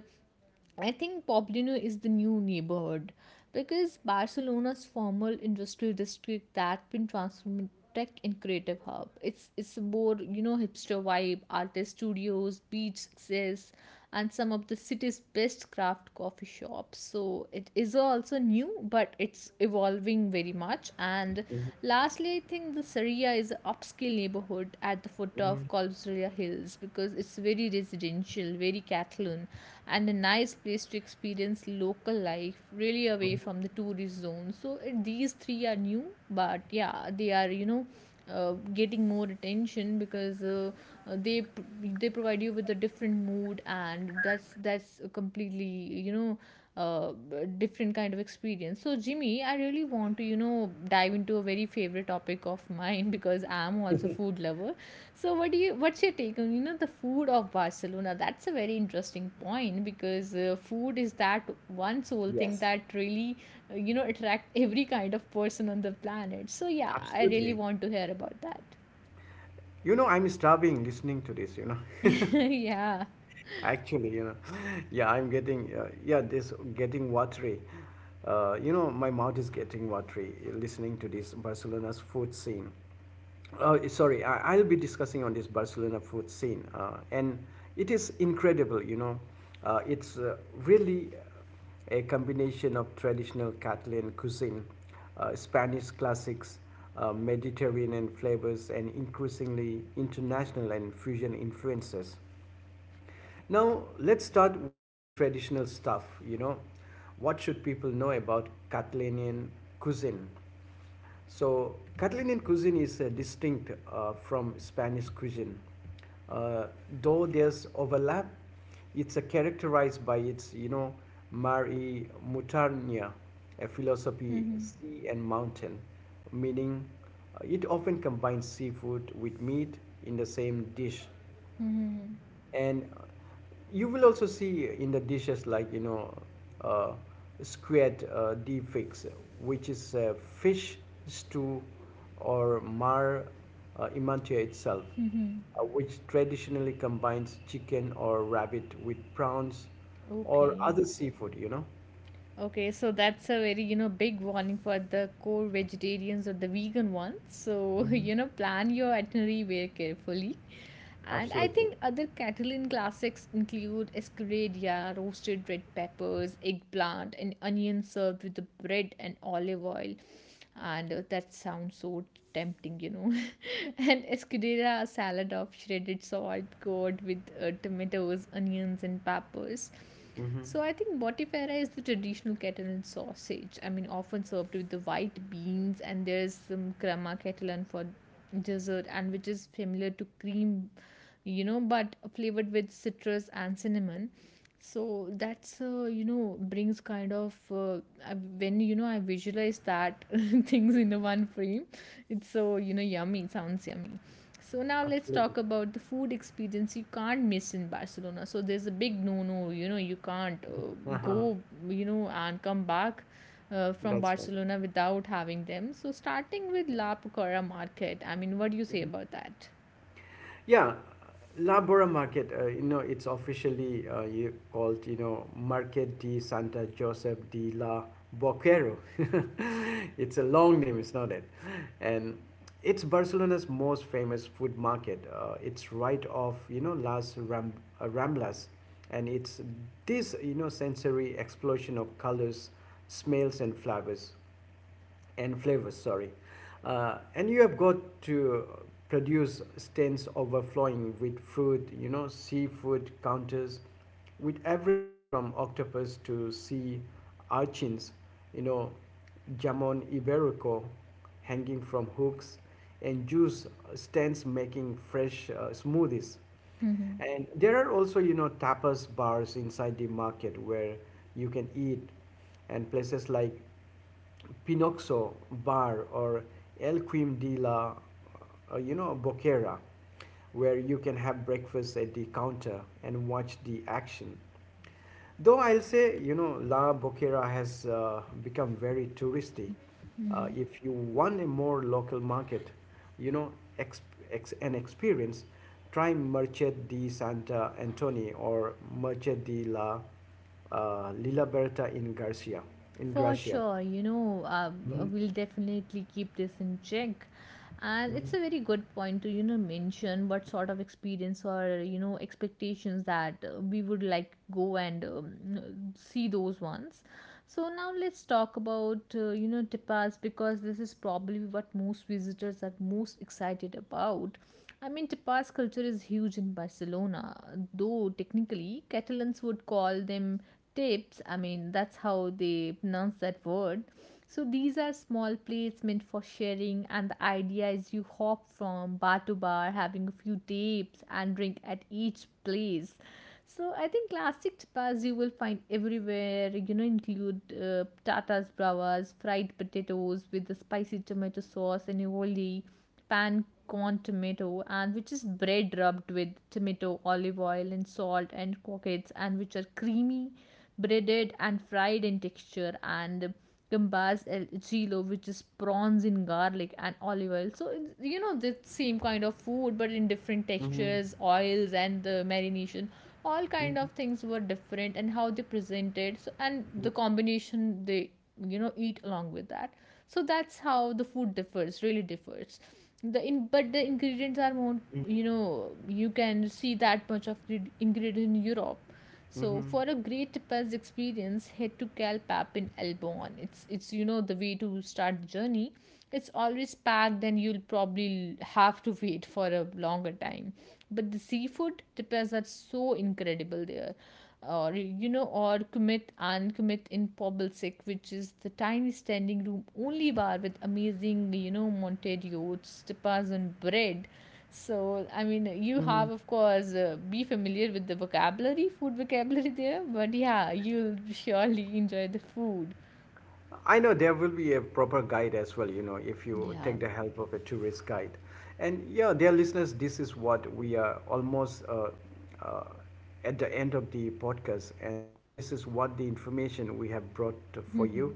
I think Poblenou is the new neighborhood because Barcelona's former industrial district that's been transformed tech and creative hub. It's a more, you know, hipster vibe, artist studios, beach access, and some of the city's best craft coffee shops. So it is also new, but it's evolving very much. And
Mm-hmm.
lastly, I think the Saria Kolbzuria is an upscale neighborhood at the foot
Mm-hmm.
of Kolbzuria Hills because it's very residential, very Catalan, and a nice place to experience local life, really away
Mhm.
from the tourist zone. So eh, these three are new, but yeah, they are, you know, uh, getting more attention because, they provide you with a different mood, and that's completely, you know, uh, different kind of experience. So, Jimmy, I really want to, you know, dive into a very favorite topic of mine because I'm also food lover. So, what do you, what's your take on, you know, the food of Barcelona? That's a very interesting point because food is that one sole thing
Yes,
that really, you know, attract every kind of person on the planet. So, yeah, I really
absolutely.
want to hear about that.
You know, I'm starving listening to this, you know.
yeah.
Actually, you know, yeah, yeah, this getting watery. You know, my mouth is getting watery listening to this Barcelona's food scene. Sorry, I'll be discussing on this Barcelona food scene, and it is incredible. You know, it's really a combination of traditional Catalan cuisine, Spanish classics, Mediterranean flavors, and increasingly international and fusion influences. Now, let's start with the traditional stuff. You know, what should people know about Catalan cuisine? So Catalonian cuisine is distinct from Spanish cuisine. Uh, though there's overlap, it's characterized by its, you know, mari mutarnia, a philosophy,
Mm-hmm.
sea and mountain, meaning it often combines seafood with meat in the same dish,
Mm-hmm.
and you will also see in the dishes like, you know, uh, squid, deep fix, which is fish stew, or mar, imantia itself,
Mm-hmm.
which traditionally combines chicken or rabbit with prawns or
Okay.
other seafood, you know.
Okay, so that's a very, you know, big warning for the core vegetarians or the vegan ones. So,
Hmm.
you know, plan your itinerary very carefully. And I
Absolutely.
think other Catalan classics include escudella, roasted red peppers, eggplant, and onion served with the bread and olive oil. And that sounds so tempting, you know. And escudella, a salad of shredded salt, gourd with, tomatoes, onions, and peppers.
Hmm
So I think Mortifera is the traditional Catalan sausage. I mean, often served with the white beans, and there's some crema Catalan for dessert, and which is familiar to cream, you know, but flavored with citrus and cinnamon. So that's, you know, brings kind of, I- when, you know, I visualize that things in a one frame, it's so, you know, yummy. Sounds yummy. So now let's
absolutely.
talk about the food experience you can't miss in Barcelona. So there's a big no no, you know, you can't,
Uh-huh.
go, you know, and come back, from
That's right.
Barcelona without having them. So starting with La Picora Market, I mean, what do you say about that?
Yeah, Labora Market, you know, it's officially you called, you know, Market de Santa Joseph de la Boquero. It's a long name, it's not it? And it's Barcelona's most famous food market. It's right off, you know, Ramblas. And it's this, you know, sensory explosion of colors, smells, and flavors, sorry. And you have got to produce stands overflowing with fruit, you know, seafood counters, with everything from octopus to sea urchins, you know, jamon iberico hanging from hooks, and juice stands making fresh smoothies. And there are also, you know, tapas bars inside the market where you can eat, and places like Pinocchio Bar or El Quim de la you know, Boquera, where you can have breakfast at the counter and watch the action. Though I'll say, you know, La Boquera has become very touristy. If you want a more local market, you know, exp- an experience, try Merced de Santa Antoni or Merced de la Lila Berta in Garcia, in
For
Gracia.
sure, you know,
Mm-hmm.
we'll definitely keep this in check. And it's
Mm-hmm.
a very good point to, you know, mention what sort of experience or, you know, expectations that we would like go and see those ones. So now let's talk about, you know, tapas because this is probably what most visitors are most excited about. I mean, tapas culture is huge in Barcelona, though technically Catalans would call them tips. I mean, that's how they pronounce that word. So these are small plates meant for sharing, and the idea is you hop from bar to bar having a few tips and drink at each place. So I think classic tapas you will find everywhere, include uh, tatas bravas, fried potatoes with the spicy tomato sauce and aioli; pan con tomato, and which is bread rubbed with tomato, olive oil and salt; and croquettes, and which are creamy, breaded and fried in texture; and gambas el gilo, which is prawns in garlic and olive oil. So it's the same kind of food but in different
Mm-hmm.
textures, oils and the marination. All kind of things were different and how they presented, so, and the combination they, eat along with that. So that's how the food differs, really differs, the in, but the ingredients are more, you can see that much of ingredient in Europe. So for a great Paz experience, head to Calpap in Elbon. It's the way to start the journey. It's always packed, and you'll probably have to wait for a longer time. But the seafood tapas are so incredible there. Or kumit and kumit in Pobblesek, which is the tiny standing room only bar with amazing, monted yotes tapas and bread. So, I mean, you have, of course, be familiar with the vocabulary, food vocabulary there, but yeah, you'll surely enjoy the food.
I know there will be a proper guide as well, you know, if you
Yeah.
take the help of a tourist guide. And yeah, dear listeners, this is what we are almost uh, at the end of the podcast, and this is what the information we have brought for you.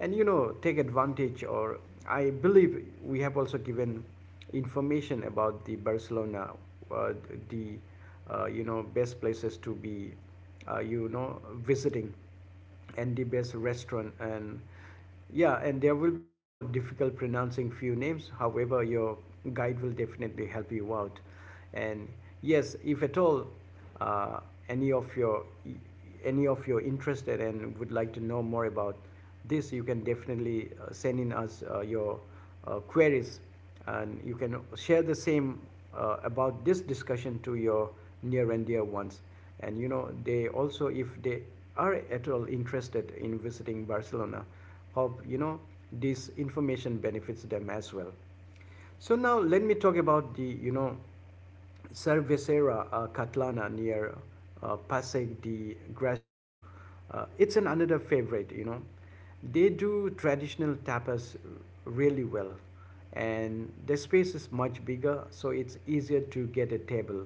And you know, take advantage, or I believe we have also given information about the Barcelona, uh, the best places to be, you know, visiting. And the best restaurant. And yeah, and there will be, you know, difficult pronouncing few names, however your guide will definitely help you out. And yes, if at all uh, any of your any of you interested and would like to know more about this, you can definitely send in us your queries, and you can share the same about this discussion to your near and dear ones. And you know, they also, if they are at all interested in visiting Barcelona, hope, you know, this information benefits them as well. So now let me talk about the, you know, Cervecera Catalana near Paseg de Gracia. It's an another favorite, you know. They do traditional tapas really well, and the space is much bigger, so it's easier to get a table.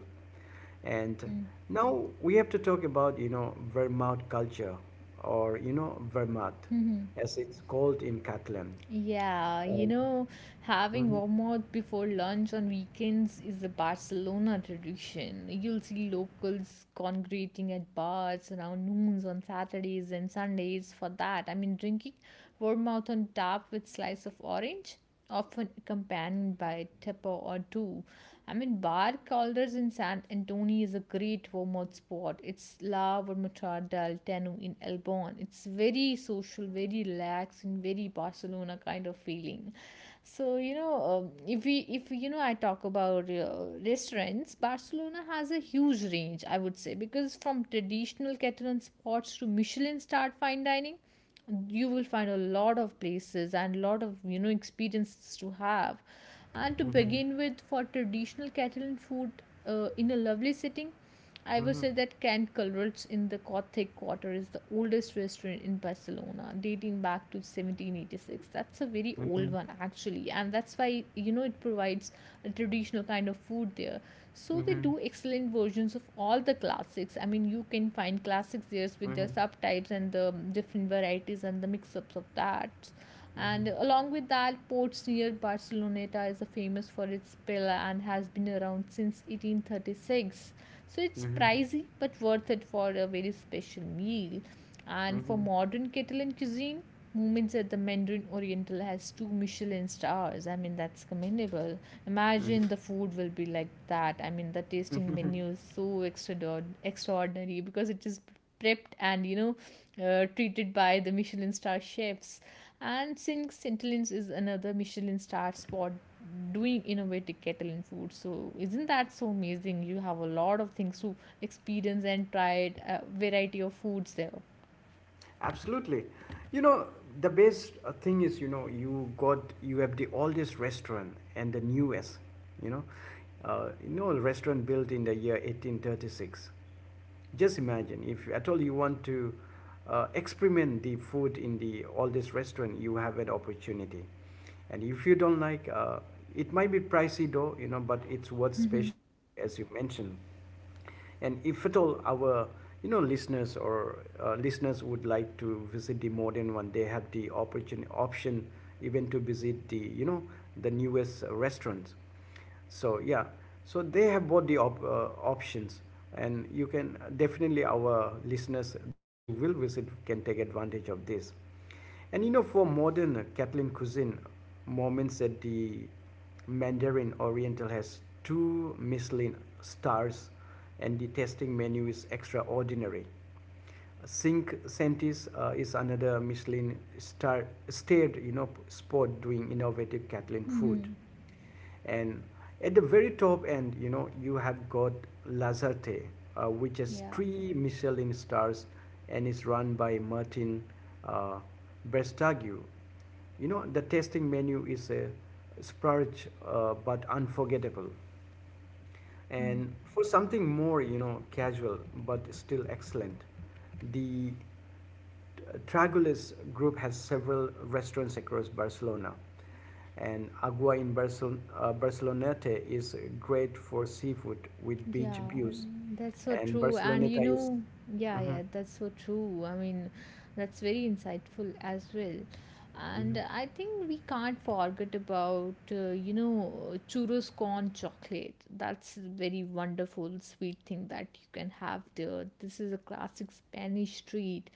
And
Mhm.
now we have to talk about, you know, Vermouth culture, or you know, Vermouth,
Mhm.
as it's called in Catalan.
Yeah, you
Um,
know, having warmouth before lunch on weekends is a Barcelona tradition. You'll see locals congregating at bars around noons on Saturdays and Sundays for that. I mean, drinking Vermouth on top with slice of orange, often accompanied by a tipper or two. I mean, Bar Calders in San Antonio is a great vermouth spot. It's La Vermutar del Tenu in El Elbon. It's very social, very relaxed, and very Barcelona kind of feeling. So, if we if you know, I talk about restaurants. Barcelona has a huge range, I would say, because from traditional Catalan spots to Michelin starred fine dining you will find a lot of places and lot of experiences to have. And to
mhm,
begin with, for traditional Catalan food, in a lovely setting, I would
mhm,
say that Can Culverts in the Gothic Quarter is the oldest restaurant in Barcelona, dating back to 1786. That's a very old
mhm,
one actually, and that's why, it provides a traditional kind of food there. So they do
mhm,
excellent versions of all the classics. I mean, you can find classics there with their
mhm.
subtypes and the different varieties and the mix-ups of that.
Mm-hmm.
And along with that, Ports near Barceloneta is famous for its paella and has been around since 1836. So it's
Mm-hmm.
pricey but worth it for a very special meal. And for
Mm-hmm.
modern Catalan cuisine, Moments at the Mandarin Oriental has two Michelin stars. I mean, that's commendable.
Mm-hmm.
Imagine the food will be like that. I mean, the tasting menu is so extraordinary because it is prepped and treated by the Michelin star chefs. And since Intelligence is another Michelin star spot doing innovative Catalan food. So isn't that so amazing? You have a lot of things to experience and try it, a variety of foods there.
Absolutely. You know, the best thing is, you know, you have the oldest restaurant and the newest, you know. You know, a restaurant built in the year 1836. Just imagine, if at all you want to experiment the food in the oldest restaurant, you have an opportunity. And if you don't like, it might be pricey though, you know, but it's worth special meal as you mentioned. And if at all our, you know, listeners or listeners would like to visit the modern one, they have the opportunity option even to visit the, you know, the newest restaurants. So yeah, so they have both the options, and you can definitely our listeners, those who will visit, can take advantage of this. And you know, for modern Catalan cuisine, moments at the Mandarin Oriental has two Michelin stars and the tasting menu is extraordinary. Cinque Sentis is another Michelin starred you know spot doing innovative Catalan food. And at the very top end, you know, you have got Lazarte, which has
Yeah.
three Michelin stars and is run by Martin uh, Brestagiu, you know, the tasting menu is a splurge, but unforgettable. And for something more, you know, casual but still excellent, the Tragulis group has several restaurants across Barcelona. And Agua in Barceloneta is great for seafood with
Yeah,
beach views.
that's so
And
true. And you
Barceloneta is.
know, yeah,
Mhm,
yeah, that's so true. I mean, that's very insightful as well. And
mhm,
I think we can't forget about, churros corn chocolate. That's a very wonderful sweet thing that you can have there. This is a classic Spanish treat.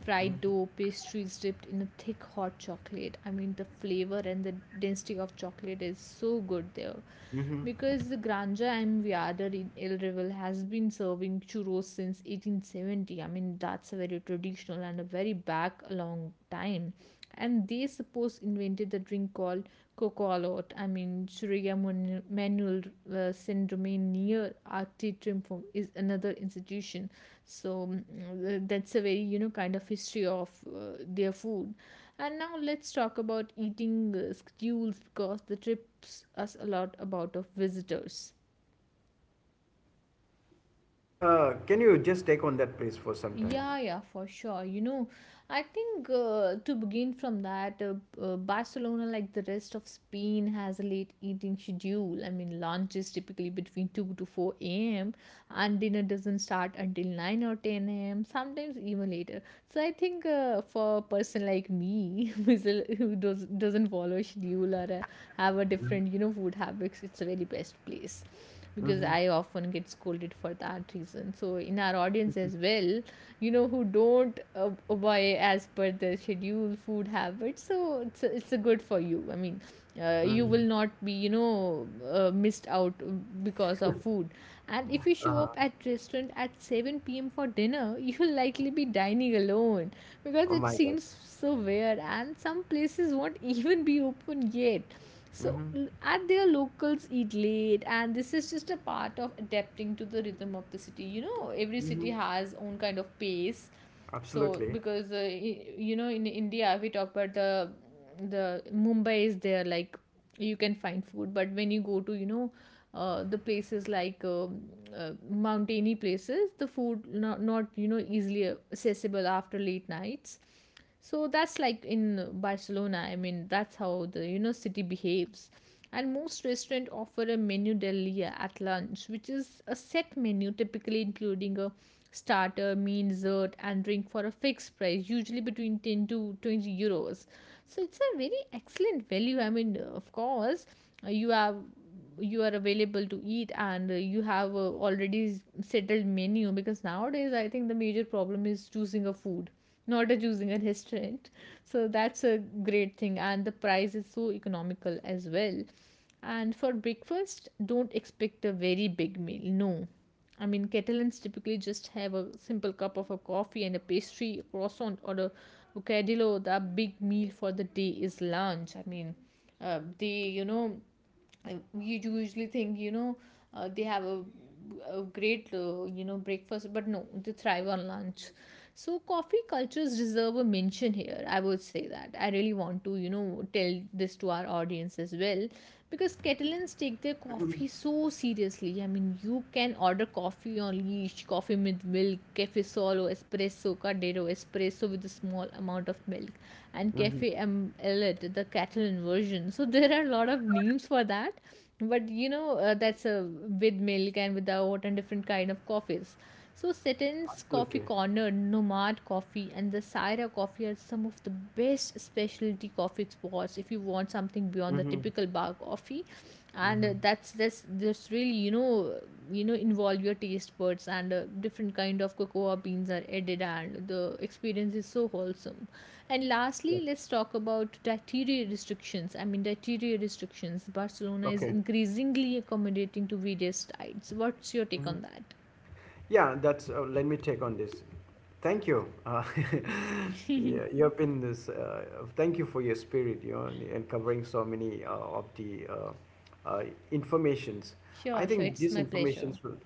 Fried dough, pastries dipped in a thick hot chocolate. I mean, the flavor and the density of chocolate is so good there
mhm.
because the Granja Enviada in El Reval has been serving churros since 1870. I mean, that's a very traditional and a very back a long time. And they suppose invented the drink called Kokolot. I mean, Surya Manuel Syndrome near RT Triumphum is another institution. So that's a very, kind of history of their food. And now let's talk about eating schedules because the trips us a lot about of visitors.
So, can you just take on that, please, for some time?
Yeah, yeah, for sure. I think to begin from that, Barcelona, like the rest of Spain, has a late eating schedule. I mean, lunch is typically between 2 to 4 a.m., and dinner doesn't start until 9 or 10 a.m., sometimes even later. So I think for a person like me, who doesn't follow a schedule or have a different, food habits. It's a very best place because I often get scolded for that reason. So in our audience as well, who don't obey as per the schedule food habits, so it's a good for you. I mean, you will
Mhm.
not be missed out because of food. And if you show
Uh-huh.
up at restaurant at 7 p.m. for dinner you'll likely be dining alone because
Oh
it
my God.
seems so weird and some places won't even be open yet. So,
Mm-hmm.
at their locals eat late, and this is just a part of adapting to the rhythm of the city. Every
Mm-hmm.
city has own kind of pace. So,
Absolutely.
because in India, we talk about the Mumbai is there, like you can find food, but when you go to, the places like mountainy places, the food not easily accessible after late nights. So that's like in Barcelona. I mean, that's how the city behaves. And most restaurants offer a menu del día at lunch, which is a set menu typically including a starter, main, dessert and drink for a fixed price usually between 10 to €20. So it's a very excellent value. I mean, of course, uh, you have you are available to eat, and you have already settled menu, because nowadays I think the major problem is choosing a food, not a choosing a restaurant. So that's a great thing, and the price is so economical as well. And for breakfast, don't expect a very big meal, no. I mean, Catalans typically just have a simple cup of a coffee and a pastry, a croissant or a bocadillo. The big meal for the day is lunch. I mean, they, you know you usually think, they have a great, breakfast, but no, they thrive on lunch. So coffee cultures deserve a mention here, I would say that I really want to tell this to our audience as well, because Catalans take their
Mm-hmm.
coffee so seriously. I mean, you can order coffee on leash, coffee with milk, solo espresso, cardero espresso with a small amount of milk, and
Mm-hmm.
cafe elit, the Catalan version. So there are a lot of names for that. But that's with milk and without, and different kind of coffees. So Seton's Coffee
Absolutely.
Corner, Nomad Coffee, and the Syra Coffee are some of the best specialty coffee spots if you want something beyond the
Mm-hmm.
typical bar coffee. And
Mm-hmm.
that's this really involve your taste buds, and different kind of cocoa beans are added, and the experience is so wholesome. And
Yeah.
lastly, let's talk about dietary restrictions. I mean, dietary restrictions, Barcelona is
Okay.
increasingly accommodating to various diets. What's your take
Mm-hmm.
on that?
Yeah, that's. Let me take on this. Thank you. Yeah, you have been this. Thank you for your spirit. You know, and covering so many of the uh, informations. I
Sure, sure.
think
It's
these
my pleasure.
informations will,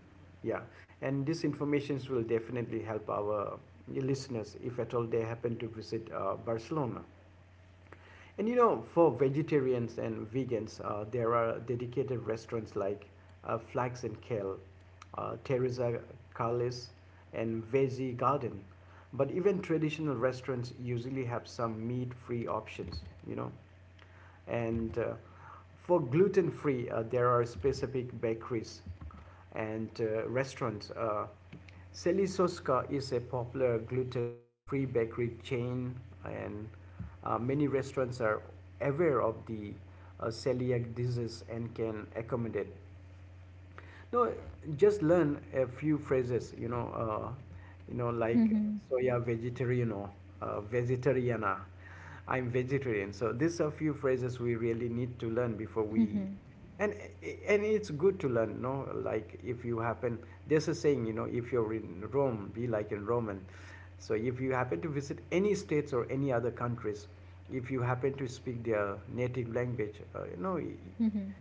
yeah, and these informations will definitely help our listeners if at all they happen to visit Barcelona. And you know, for vegetarians and vegans, there are dedicated restaurants like Flags and Kale, Teresa Carlis, and Veggie Garden. But even traditional restaurants usually have some meat-free options, you know. And for gluten-free, there are specific bakeries and restaurants. Selisoska is a popular gluten-free bakery chain, and many restaurants are aware of the celiac disease and can accommodate. No, just learn a few phrases, you know, like
Mhm.
soya vegetariano, vegetariana. I'm vegetarian. So these are few phrases we really need to learn before we,
Mhm.
and and it's good to learn, no? Like if you happen, there's a saying, you know, if you're in Rome, be like in Roman. So if you happen to visit any states or any other countries, if you happen to speak their native language, you know,
Mhm.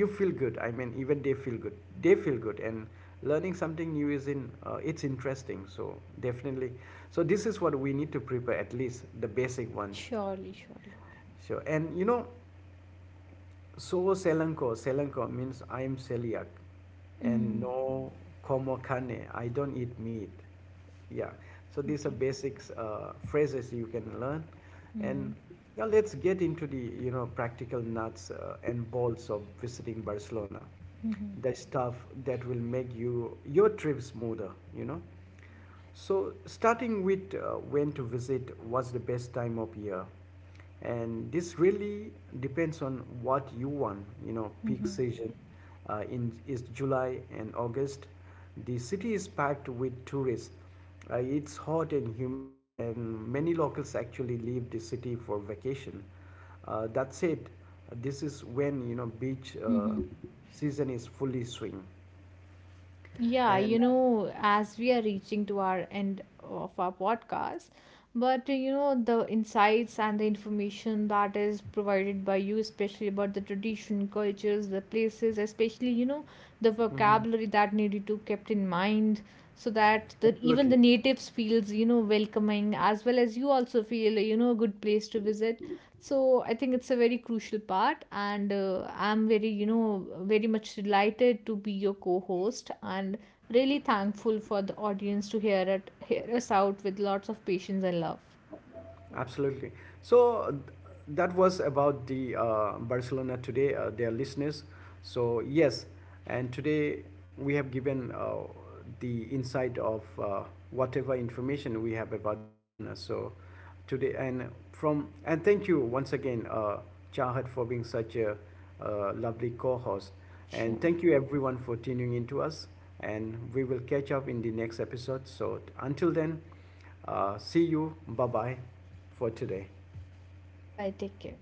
you feel good. I mean, even they feel good, they feel good. And learning something new is in, it's interesting, so definitely, so this is what we need to prepare, at least the basic ones.
Surely, surely.
So and you know, so selanko means I am celiac, and
Mm.
no como carne, I don't eat meat, yeah. So these are
Okay.
basics phrases you can learn. And
Mhm.
now let's get into the, you know, practical nuts and bolts of visiting Barcelona,
Mhm.
the stuff that will make you your trip smoother, you know. So, starting with when to visit, what's the best time of year? And this really depends on what you want. You know, peak
Mhm.
season in is July and August. The city is packed with tourists. It's hot and humid, and many locals actually leave the city for vacation. That said, this is when, you know, beach
Mhm.
season is fully swing,
Yeah, you
and
know, as we are reaching to our end of our podcast, but the insights and the information that is provided by you, especially about the tradition cultures, the places, especially, the
mhm,
vocabulary that needed to kept in mind, so that the even the
absolutely.
natives feels, welcoming, as well as you also feel, a good place to visit. So I think it's a very crucial part, and I'm very, very much delighted to be your co-host, and really thankful for the audience to hear us out with lots of patience and love.
Absolutely. So th- that was about the Barcelona today, their listeners. So yes, and today we have given the insight of whatever information we have about Barcelona. So today and from, and thank you once again, Chahat, for being such a lovely co-host, and
Sure.
thank you everyone for tuning in to us. And we will catch up in the next episode. So until then. See you. Bye bye for today.
Bye bye. Take care.